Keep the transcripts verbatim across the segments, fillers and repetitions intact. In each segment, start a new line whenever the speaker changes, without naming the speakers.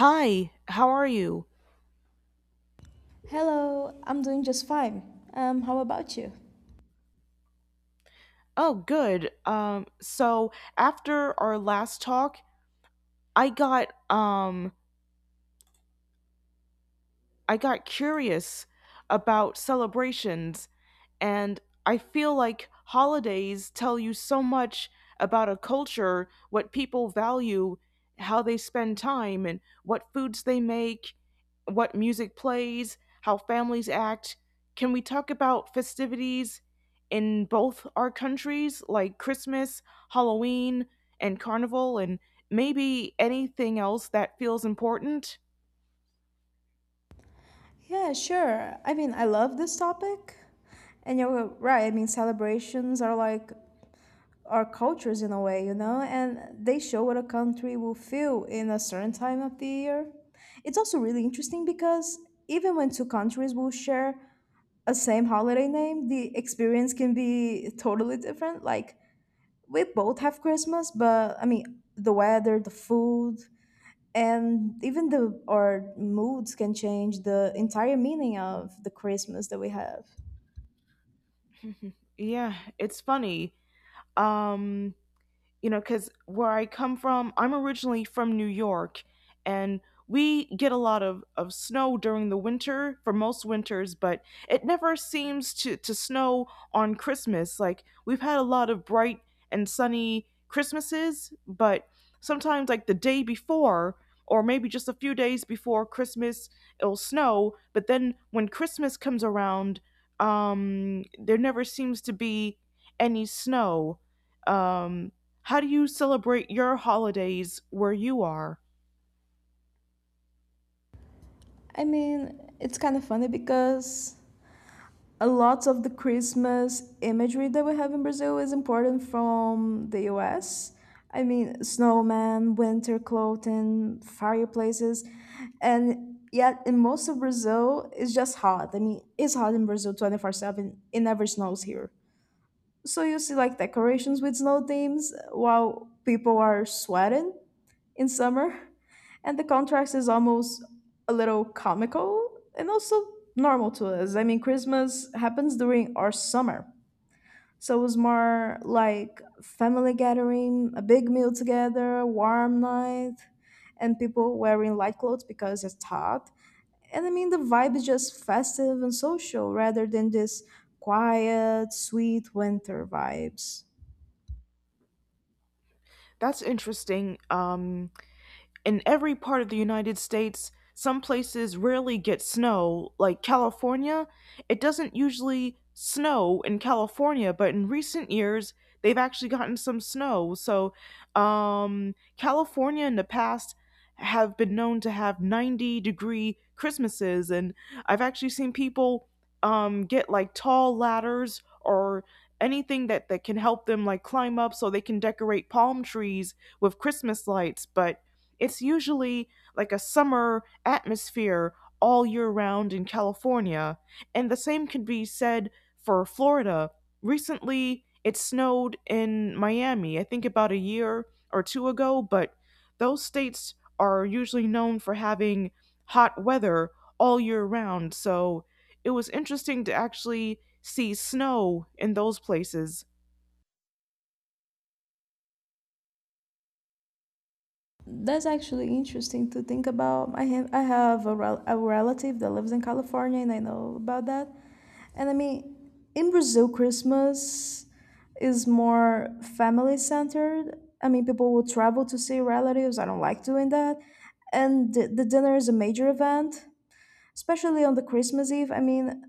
Hi, how are you?
Hello, I'm doing just fine. Um, how about you?
Oh, good. Um, so after our last talk, I got um I got curious about celebrations and I feel like holidays tell you so much about a culture, what people value, how they spend time and what foods they make, what music plays, how families act. Can we talk about festivities in both our countries, like Christmas, Halloween, and Carnival, and maybe anything else that feels important?
Yeah, sure. I mean, I love this topic. And you're right, I mean, celebrations are like our cultures in a way, you know, and they show what a country will feel in a certain time of the year. It's also really interesting because even when two countries will share a same holiday name, the experience can be totally different. Like, we both have Christmas, but I mean, the weather, the food, and even the our moods can change the entire meaning of the Christmas that we have.
Yeah, it's funny. Um, you know, because where I come from, I'm originally from New York, and we get a lot of, of snow during the winter for most winters, but it never seems to, to snow on Christmas. Like, we've had a lot of bright and sunny Christmases, but sometimes, like, the day before, or maybe just a few days before Christmas, it'll snow, but then when Christmas comes around, um, there never seems to be any snow. Um, how do you celebrate your holidays where you are?
I mean, it's kind of funny because a lot of the Christmas imagery that we have in Brazil is important from the US. I mean, snowmen, winter clothing, fireplaces. And yet in most of Brazil, it's just hot. I mean, it's hot in Brazil twenty four seven. It never snows here. So you see like decorations with snow themes while people are sweating in summer. And the contrast is almost a little comical and also normal to us. I mean, Christmas happens during our summer. So it was more like family gathering, a big meal together, warm night, and people wearing light clothes because it's hot. And I mean, the vibe is just festive and social rather than this quiet, sweet winter vibes.
That's interesting. Um, in every part of the United States, some places rarely get snow, like California. It doesn't usually snow in California, but in recent years, they've actually gotten some snow. So, um, California in the past have been known to have ninety degree Christmases, and I've actually seen people um, get like tall ladders or anything that, that can help them like climb up so they can decorate palm trees with Christmas lights. But it's usually like a summer atmosphere all year round in California, and the same could be said for Florida. Recently, it snowed in Miami, I think about a year or two ago, but those states are usually known for having hot weather all year round, so it was interesting to actually see snow in those places.
That's actually interesting to think about. I have I have a, rel- a relative that lives in California, and I know about that. And I mean, in Brazil, Christmas is more family centered. I mean, people will travel to see relatives. I don't like doing that, and the, the dinner is a major event, especially on the Christmas Eve. I mean,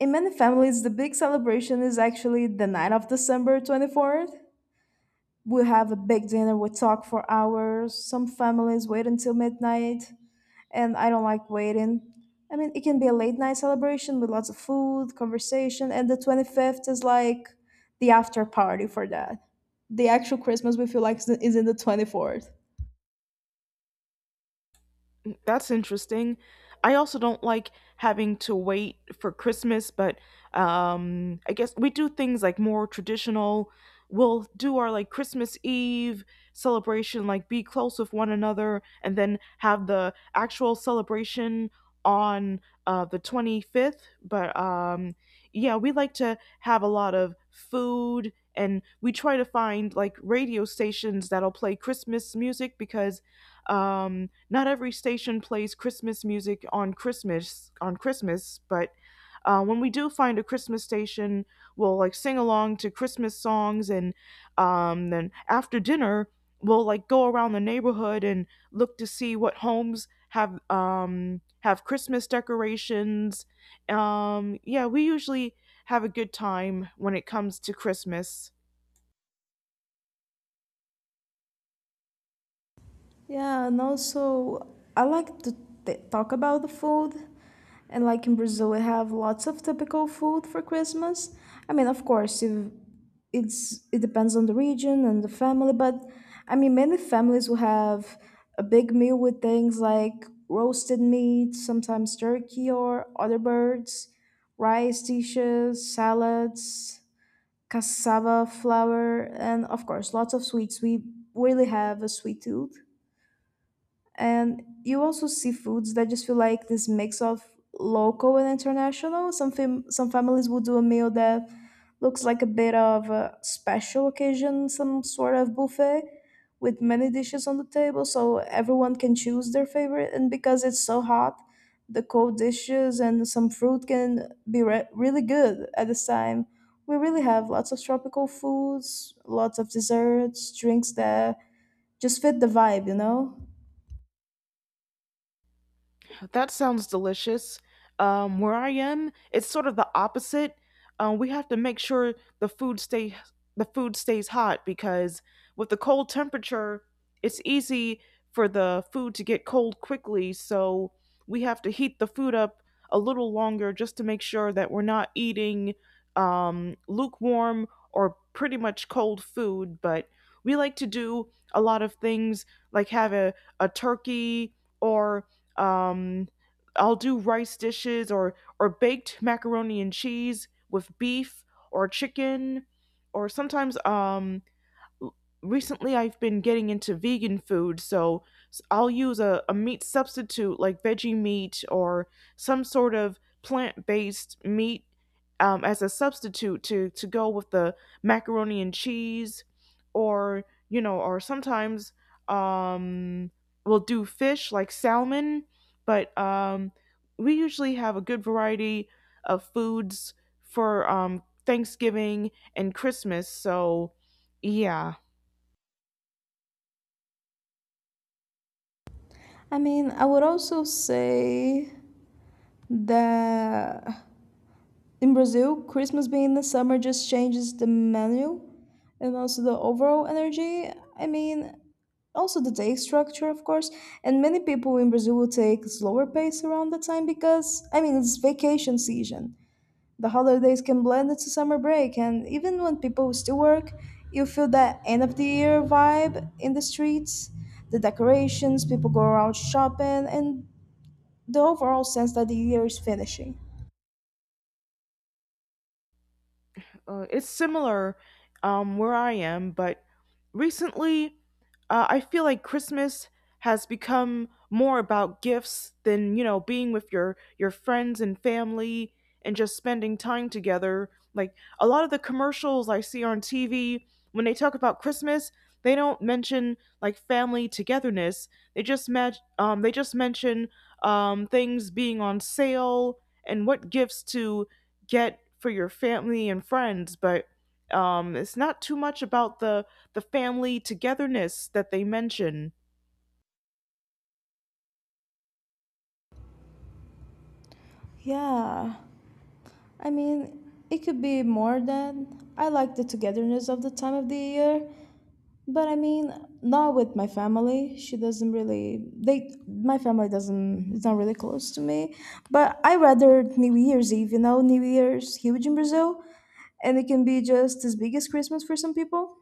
in many families, the big celebration is actually the night of December twenty fourth. We have a big dinner, we talk for hours. Some families wait until midnight, and I don't like waiting. I mean, it can be a late night celebration with lots of food, conversation, and the twenty-fifth is like the after party for that. The actual Christmas we feel like is is in the twenty-fourth.
That's interesting. I also don't like having to wait for Christmas, but um, I guess we do things like more traditional. We'll do our like Christmas Eve celebration, like be close with one another, and then have the actual celebration on uh, the twenty-fifth. But um, yeah, we like to have a lot of food and we try to find like radio stations that'll play Christmas music because um, not every station plays Christmas music on Christmas on Christmas, but uh, when we do find a Christmas station, we'll like sing along to Christmas songs, and um, then after dinner, we'll like go around the neighborhood and look to see what homes have um, have Christmas decorations. Um, yeah, we usually have a good time when it comes to Christmas.
Yeah, and also I like to t- talk about the food. And like in Brazil, we have lots of typical food for Christmas. I mean, of course, if it's it depends on the region and the family, but I mean, many families will have a big meal with things like roasted meat, sometimes turkey or other birds, rice dishes, salads, cassava flour, and of course, lots of sweets. We really have a sweet tooth. And you also see foods that just feel like this mix of local and international. Some fam- some families will do a meal that looks like a bit of a special occasion, some sort of buffet with many dishes on the table, so everyone can choose their favorite. And because it's so hot, the cold dishes and some fruit can be re- really good at this time. We really have lots of tropical foods, lots of desserts, drinks that just fit the vibe, you know?
That sounds delicious. Um, where I am, it's sort of the opposite. Um, we have to make sure the food stay the food stays hot because with the cold temperature, it's easy for the food to get cold quickly. So we have to heat the food up a little longer just to make sure that we're not eating um, lukewarm or pretty much cold food. But we like to do a lot of things like have a, a turkey or um, I'll do rice dishes or or baked macaroni and cheese with beef or chicken, or sometimes um recently I've been getting into vegan food, so i I'll use a, a meat substitute like veggie meat or some sort of plant based meat um, as a substitute to, to go with the macaroni and cheese or, you know, or sometimes um, we'll do fish like salmon, but um, we usually have a good variety of foods for um, Thanksgiving and Christmas, so yeah.
I mean, I would also say that in Brazil, Christmas being in the summer just changes the menu and also the overall energy. I mean, also the day structure, of course. And many people in Brazil will take slower pace around the time because, I mean, it's vacation season. The holidays can blend into summer break, and even when people still work, you feel that end of the year vibe in the streets, the decorations, people go around shopping, and the overall sense that the year is finishing.
Uh, it's similar um, where I am, but recently uh, I feel like Christmas has become more about gifts than, you know, being with your your friends and family and just spending time together. Like a lot of the commercials I see on T V when they talk about Christmas, they don't mention like family togetherness. They just ma- um, they just mention um, things being on sale and what gifts to get for your family and friends, but um, it's not too much about the the family togetherness that they mention.
Yeah, I mean, it could be more than. I like the togetherness of the time of the year, but I mean, not with my family. She doesn't really. They, my family doesn't. It's not really close to me. But I rather New Year's Eve. You know, New Year's huge in Brazil, and it can be just as big as Christmas for some people,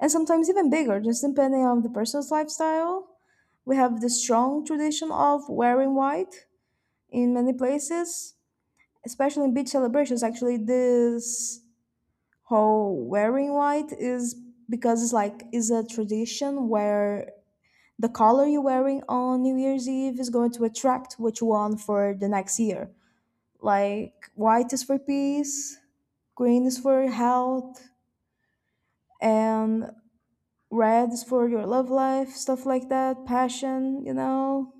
and sometimes even bigger, just depending on the person's lifestyle. We have the strong tradition of wearing white in many places, especially in beach celebrations. Actually, this whole wearing white is because it's like is a tradition where the color you're wearing on New Year's Eve is going to attract which one for the next year. Like white is for peace, green is for health, and red is for your love life, stuff like that, passion, you know.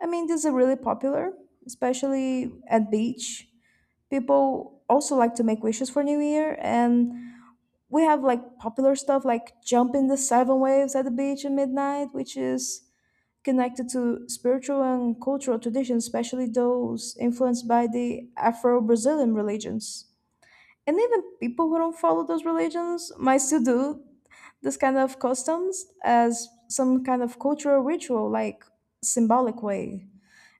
I mean, this is really popular, especially at beach. People also like to make wishes for New Year, and we have like popular stuff like jumping the seven waves at the beach at midnight, which is connected to spiritual and cultural traditions, especially those influenced by the Afro Brazilian religions. And even people who don't follow those religions might still do this kind of customs as some kind of cultural ritual, like symbolic way.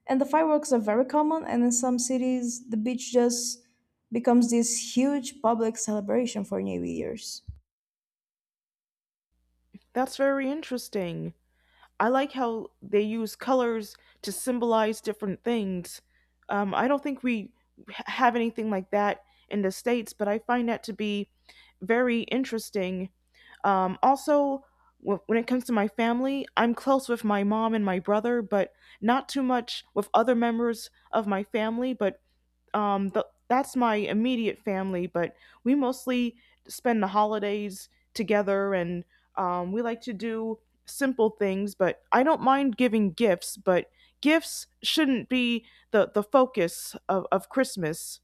And the fireworks are very common, and in some cities, the beach just becomes this huge public celebration for New Year's.
That's very interesting. I like how they use colors to symbolize different things. Um, I don't think we h- have anything like that in the states, but I find that to be very interesting. Um, also, wh- when it comes to my family, I'm close with my mom and my brother, but not too much with other members of my family. But um th- that's my immediate family, but we mostly spend the holidays together and um, we like to do simple things, but I don't mind giving gifts, but gifts shouldn't be the, the focus of, of Christmas.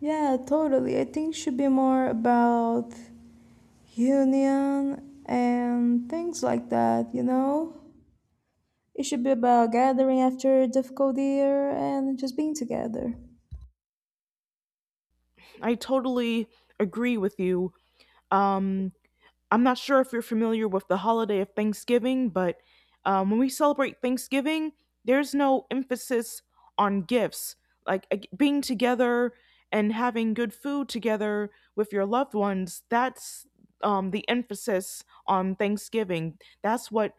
Yeah, totally. I think it should be more about union and things like that, you know? It should be about gathering after a difficult year and just being together.
I totally agree with you. um, I'm not sure if you're familiar with the holiday of Thanksgiving, but um, when we celebrate Thanksgiving, there's no emphasis on gifts. Like ag- being together and having good food together with your loved ones, that's um, the emphasis on Thanksgiving. That's what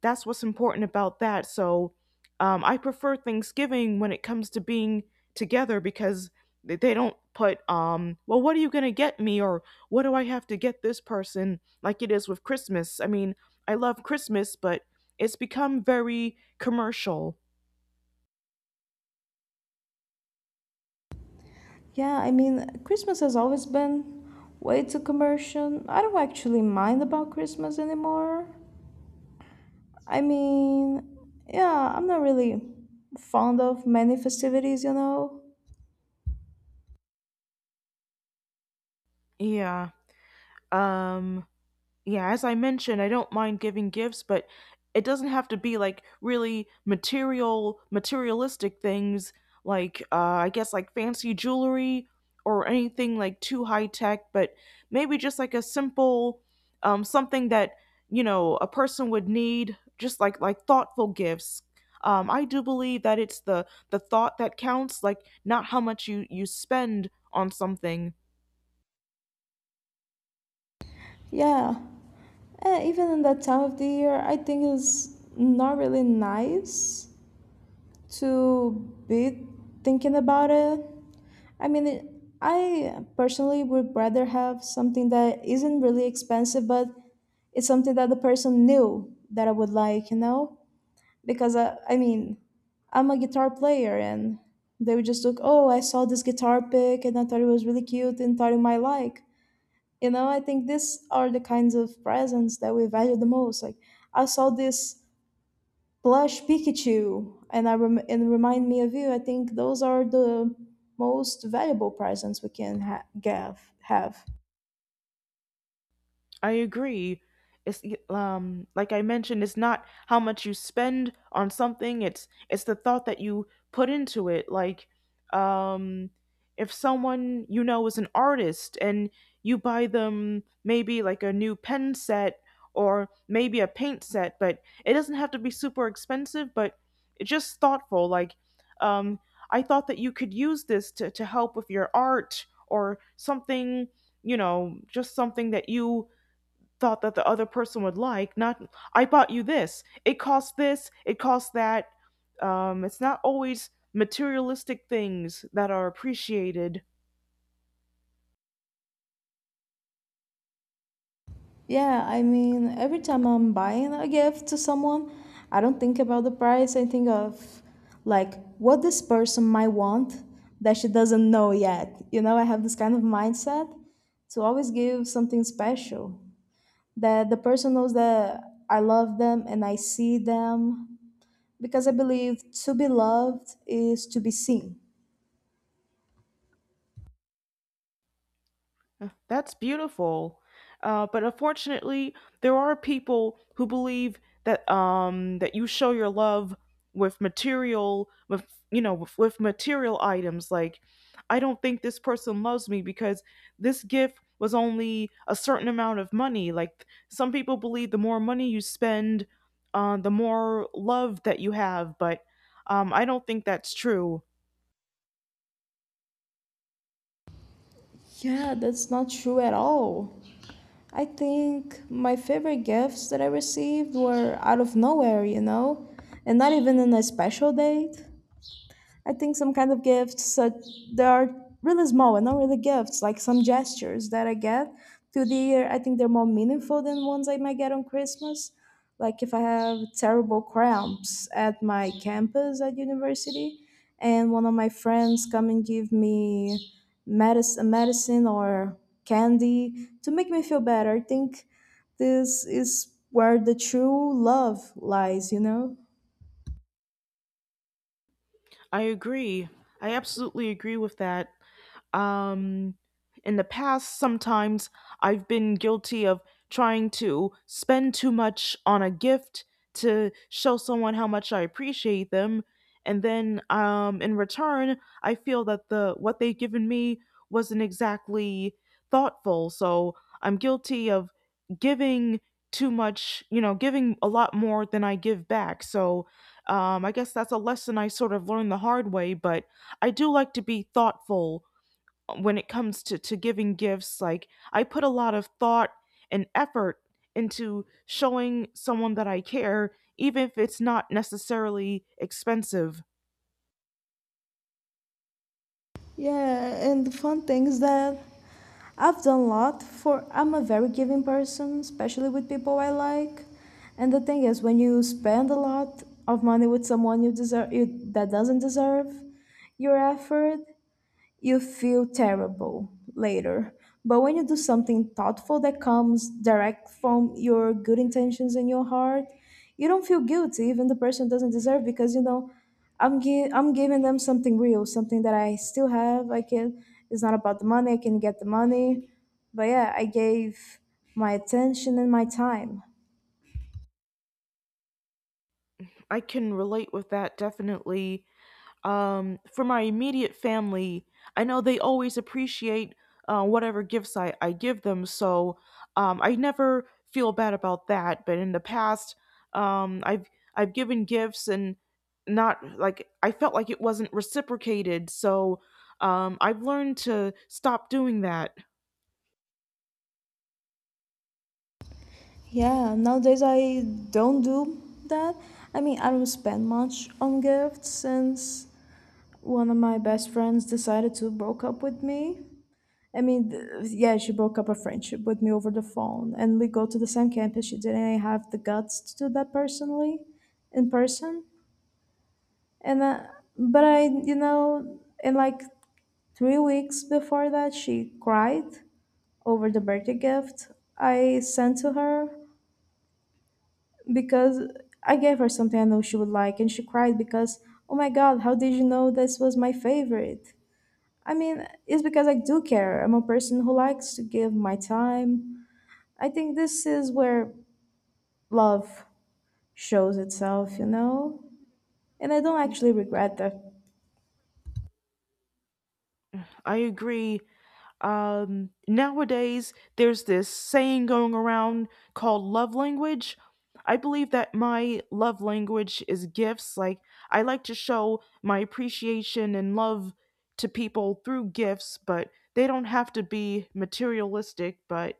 That's what's important about that. So um, I prefer Thanksgiving when it comes to being together because they they don't put um, well, what are you going to get me, or what do I have to get this person, like it is with Christmas. I mean, I love Christmas, but it's become very commercial.
Yeah, I mean, Christmas has always been way too commercial. I don't actually mind about Christmas anymore. I mean, yeah, I'm not really fond of many festivities, you know?
Yeah. Um Yeah, as I mentioned, I don't mind giving gifts, but it doesn't have to be like really material, materialistic things like, uh, I guess, like fancy jewelry or anything like too high tech, but maybe just like a simple um, something that, you know, a person would need, just like like thoughtful gifts. Um, I do believe that it's the the thought that counts, like not how much you you spend on something.
Yeah. And even in that time of the year, I think it's not really nice to be thinking about it. I mean, it, I personally would rather have something that isn't really expensive, but it's something that the person knew that I would like, you know? Because I, I mean, I'm a guitar player and they would just look, oh, I saw this guitar pick and I thought it was really cute and thought you might like. You know, I think these are the kinds of presents that we value the most. Like, I saw this plush Pikachu and I rem- and remind me of you. I think those are the most valuable presents we can ha- give, have.
I agree. It's um Like I mentioned, it's not how much you spend on something. It's it's the thought that you put into it. Like, um, if someone you know is an artist and you buy them maybe like a new pen set or maybe a paint set, but it doesn't have to be super expensive. But it's just thoughtful. Like, um, I thought that you could use this to to help with your art or something. You know, just something that you thought that the other person would like. Not, I bought you this. It costs this. It costs that. Um, it's not always materialistic things that are appreciated.
Yeah, I mean, every time I'm buying a gift to someone, I don't think about the price. I think of like what this person might want that she doesn't know yet. You know, I have this kind of mindset to always give something special that the person knows that I love them and I see them because I believe to be loved is to be seen.
That's beautiful. Uh, but unfortunately, there are people who believe that um, that you show your love with material, with, you know, with, with material items. Like, I don't think this person loves me because this gift was only a certain amount of money. Like, some people believe the more money you spend, uh, the more love that you have. But um, I don't think that's true.
Yeah, that's not true at all. I think my favorite gifts that I received were out of nowhere, you know, and not even in a special date. I think some kind of gifts such they are really small and not really gifts, like some gestures that I get through the year. I think they're more meaningful than ones I might get on Christmas. Like if I have terrible cramps at my campus at university, and one of my friends come and give me medicine, medicine or candy to make me feel better. I think this is where the true love lies, you know?
I agree. I absolutely agree with that. Um, in the past, sometimes I've been guilty of trying to spend too much on a gift to show someone how much I appreciate them, and then um, in return, I feel that the what they've given me wasn't exactly thoughtful. So I'm guilty of giving too much, you know, giving a lot more than I give back. So um, I guess that's a lesson I sort of learned the hard way, but I do like to be thoughtful when it comes to, to giving gifts, like I put a lot of thought and effort into showing someone that I care, even if it's not necessarily expensive.
Yeah, and the fun thing is that I've done a lot for I'm a very giving person, especially with people I like. And the thing is, when you spend a lot of money with someone you deserve you, that doesn't deserve your effort, you feel terrible later. But when you do something thoughtful that comes direct from your good intentions in your heart, you don't feel guilty, even the person doesn't deserve because you know, I'm gi- I'm giving them something real, something that I still have. I can. It's not about the money. I can get the money, but yeah, I gave my attention and my time.
I can relate with that, definitely. Um, for my immediate family, I know they always appreciate uh, whatever gifts I, I give them, so um, I never feel bad about that. But in the past, um, I've I've given gifts and not, like I felt like it wasn't reciprocated, so um, I've learned to stop doing that.
Yeah, nowadays I don't do that. I mean, I don't spend much on gifts since one of my best friends decided to broke up with me. I mean, th- yeah, she broke up a friendship with me over the phone, and we go to the same campus. She didn't really have the guts to do that personally, in person. And uh, but I, you know, in like three weeks before that, she cried over the birthday gift I sent to her because I gave her something I know she would like, and she cried because, oh my God, how did you know this was my favorite? I mean, it's because I do care. I'm a person who likes to give my time. I think this is where love shows itself, you know? And I don't actually regret that.
I agree. Um, nowadays, there's this saying going around called love language. I believe that my love language is gifts. Like, I like to show my appreciation and love to people through gifts, but they don't have to be materialistic. But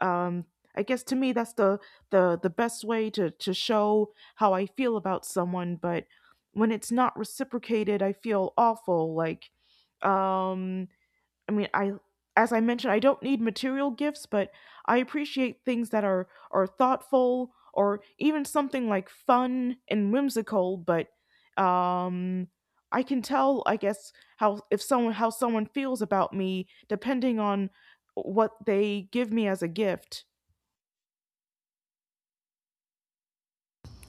um, I guess to me, that's the, the, the best way to, to show how I feel about someone. But when it's not reciprocated, I feel awful. Like, um, I mean, I as I mentioned, I don't need material gifts, but I appreciate things that are are thoughtful or even something like fun and whimsical, but um I can tell, I guess, how if someone how someone feels about me depending on what they give me as a gift.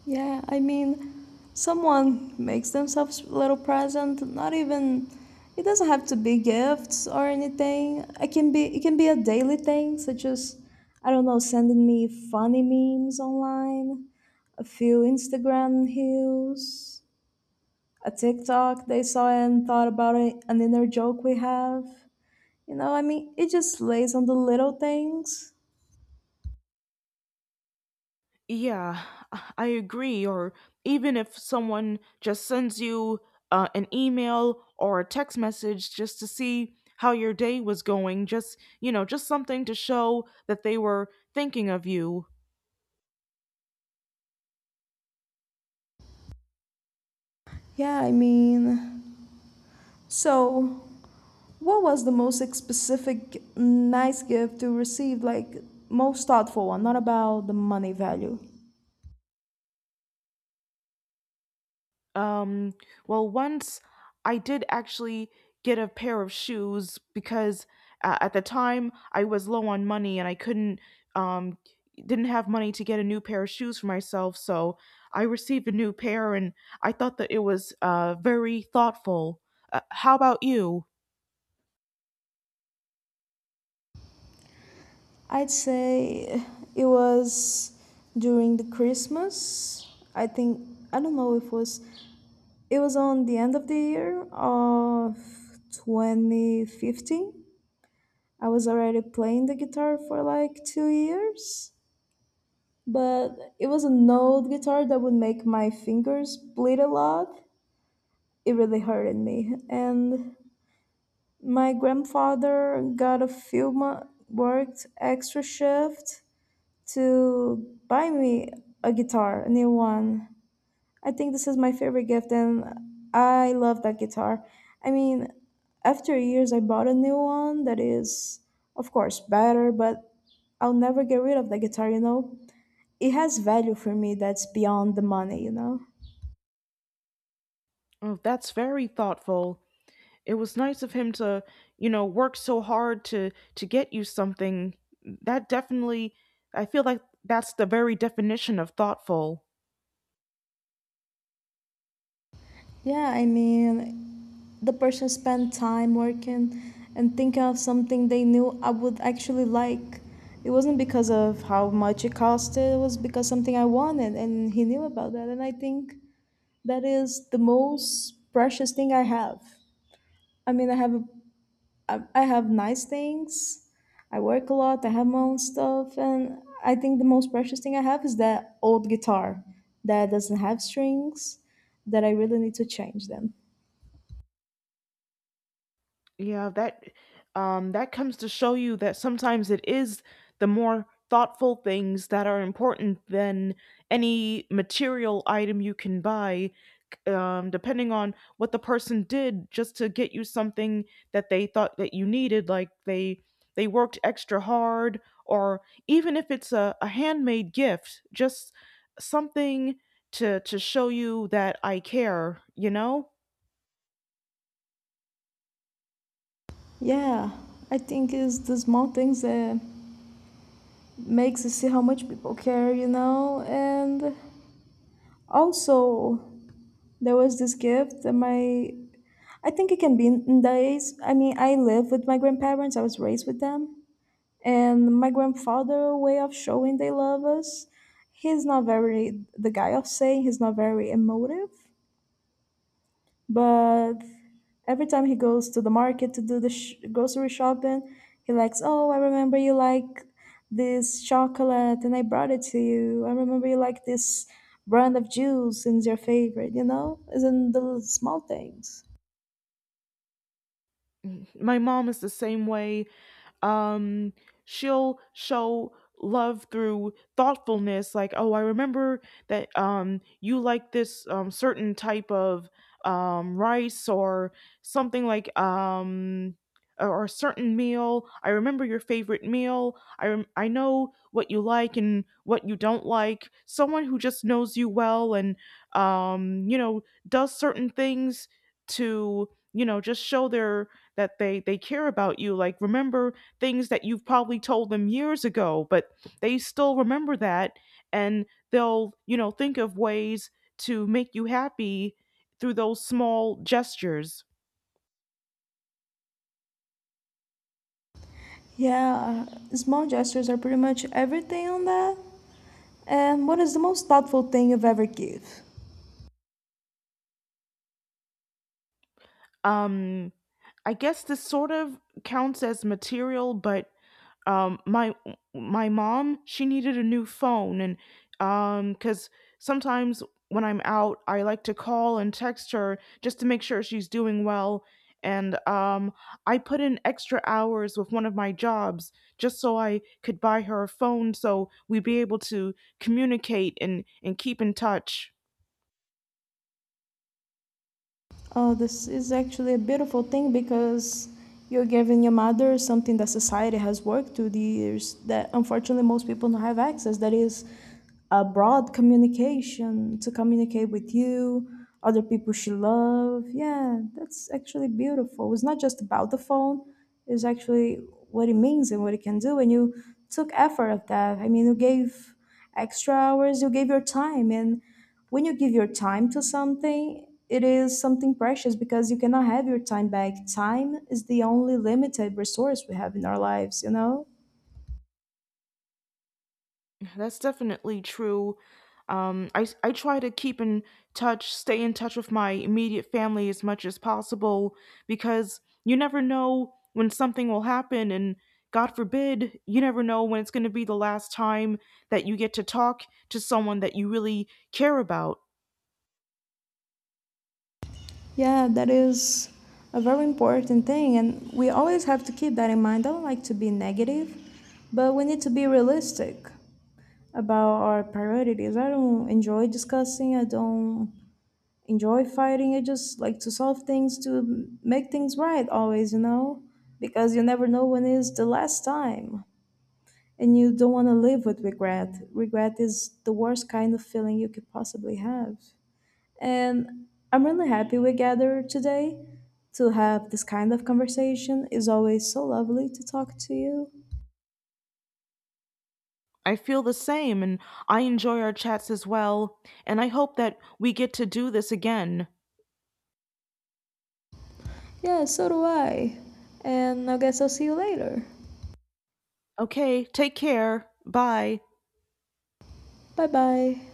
Yeah, I mean, someone makes themselves a little present, not even it doesn't have to be gifts or anything. It can be it can be a daily thing, such as I don't know, sending me funny memes online, a few Instagram reels, a TikTok they saw and thought about it, an inner joke we have. You know, I mean, it just lays on the little things.
Yeah, I agree. Or even if someone just sends you uh, an email or a text message just to see how your day was going, just, you know, just something to show that they were thinking of you.
Yeah, I mean, so what was the most specific nice gift you received? Like, most thoughtful one, not about the money value.
Um, well, once I did actually get a pair of shoes because uh, at the time I was low on money and I couldn't, um, didn't have money to get a new pair of shoes for myself. So I received a new pair and I thought that it was uh, very thoughtful. Uh, how about you?
I'd say it was during the Christmas. I think, I don't know if it was, it was on the end of the year of twenty fifteen. I was already playing the guitar for like two years, but it was an old guitar that would make my fingers bleed a lot. It really hurted me. And my grandfather got a few mo- worked extra shift to buy me a guitar, a new one. I think this is my favorite gift, and I love that guitar. I mean, after years, I bought a new one that is, of course, better, but I'll never get rid of the guitar, you know? It has value for me that's beyond the money, you know?
Oh, that's very thoughtful. It was nice of him to, you know, work so hard to to get you something. That definitely, I feel like that's the very definition of thoughtful.
Yeah, I mean, the person spent time working and thinking of something they knew I would actually like. It wasn't because of how much it costed, it was because something I wanted, and he knew about that, and I think that is the most precious thing I have. I mean, I have a- I I have nice things. I work a lot. I have my own stuff, and I think the most precious thing I have is that old guitar that doesn't have strings. That I really need to change them.
Yeah, that um that comes to show you that sometimes it is the more thoughtful things that are important than any material item you can buy, um, depending on what the person did just to get you something that they thought that you needed, like they they worked extra hard, or even if it's a, a handmade gift, just something to to show you that I care, you know.
Yeah, I think it's the small things that makes us see how much people care, you know. And also, there was this gift that my I think it can be in in the days. I mean, I live with my grandparents. I was raised with them, and my grandfather' way of showing they love us. He's not very the guy of saying, he's not very emotive, but every time he goes to the market to do the sh- grocery shopping, he likes. Oh, I remember you like this chocolate, and I brought it to you. I remember you like this brand of juice, and it's your favorite. You know, it's in the small things.
My mom is the same way. um She'll show love through thoughtfulness, like, oh, I remember that um you like this um certain type of um rice or something like um or a certain meal, I remember your favorite meal, i rem- I know what you like and what you don't like, someone who just knows you well, and um you know, does certain things to, you know, just show their that they they care about you, like remember things that you've probably told them years ago, but they still remember that, and they'll, you know, think of ways to make you happy through those small gestures.
Yeah, small gestures are pretty much everything on that. And what is the most thoughtful thing you've ever give?
Um I guess this sort of counts as material, but um my my mom, she needed a new phone, and um cuz sometimes when I'm out I like to call and text her just to make sure she's doing well, and um I put in extra hours with one of my jobs just so I could buy her a phone so we'd be able to communicate and and keep in touch.
Oh, this is actually a beautiful thing because you're giving your mother something that society has worked through the years that unfortunately most people don't have access. That is a broad communication to communicate with you, other people she love. Yeah, that's actually beautiful. It's not just about the phone, it's actually what it means and what it can do. And you took effort of that. I mean, you gave extra hours, you gave your time, and when you give your time to something, it is something precious because you cannot have your time back. Time is the only limited resource we have in our lives, you know?
That's definitely true. Um, I, s- I try to keep in touch, stay in touch with my immediate family as much as possible, because you never know when something will happen. And God forbid, you never know when it's going to be the last time that you get to talk to someone that you really care about.
Yeah, that is a very important thing. And we always have to keep that in mind. I don't like to be negative, but we need to be realistic about our priorities. I don't enjoy discussing, I don't enjoy fighting. I just like to solve things, to make things right always, you know? Because you never know when is the last time and you don't want to live with regret. Regret is the worst kind of feeling you could possibly have. And I'm really happy we gathered today to have this kind of conversation. It's always so lovely to talk to you.
I feel the same, and I enjoy our chats as well. And I hope that we get to do this again.
Yeah, so do I. And I guess I'll see you later.
Okay, take care. Bye.
Bye bye.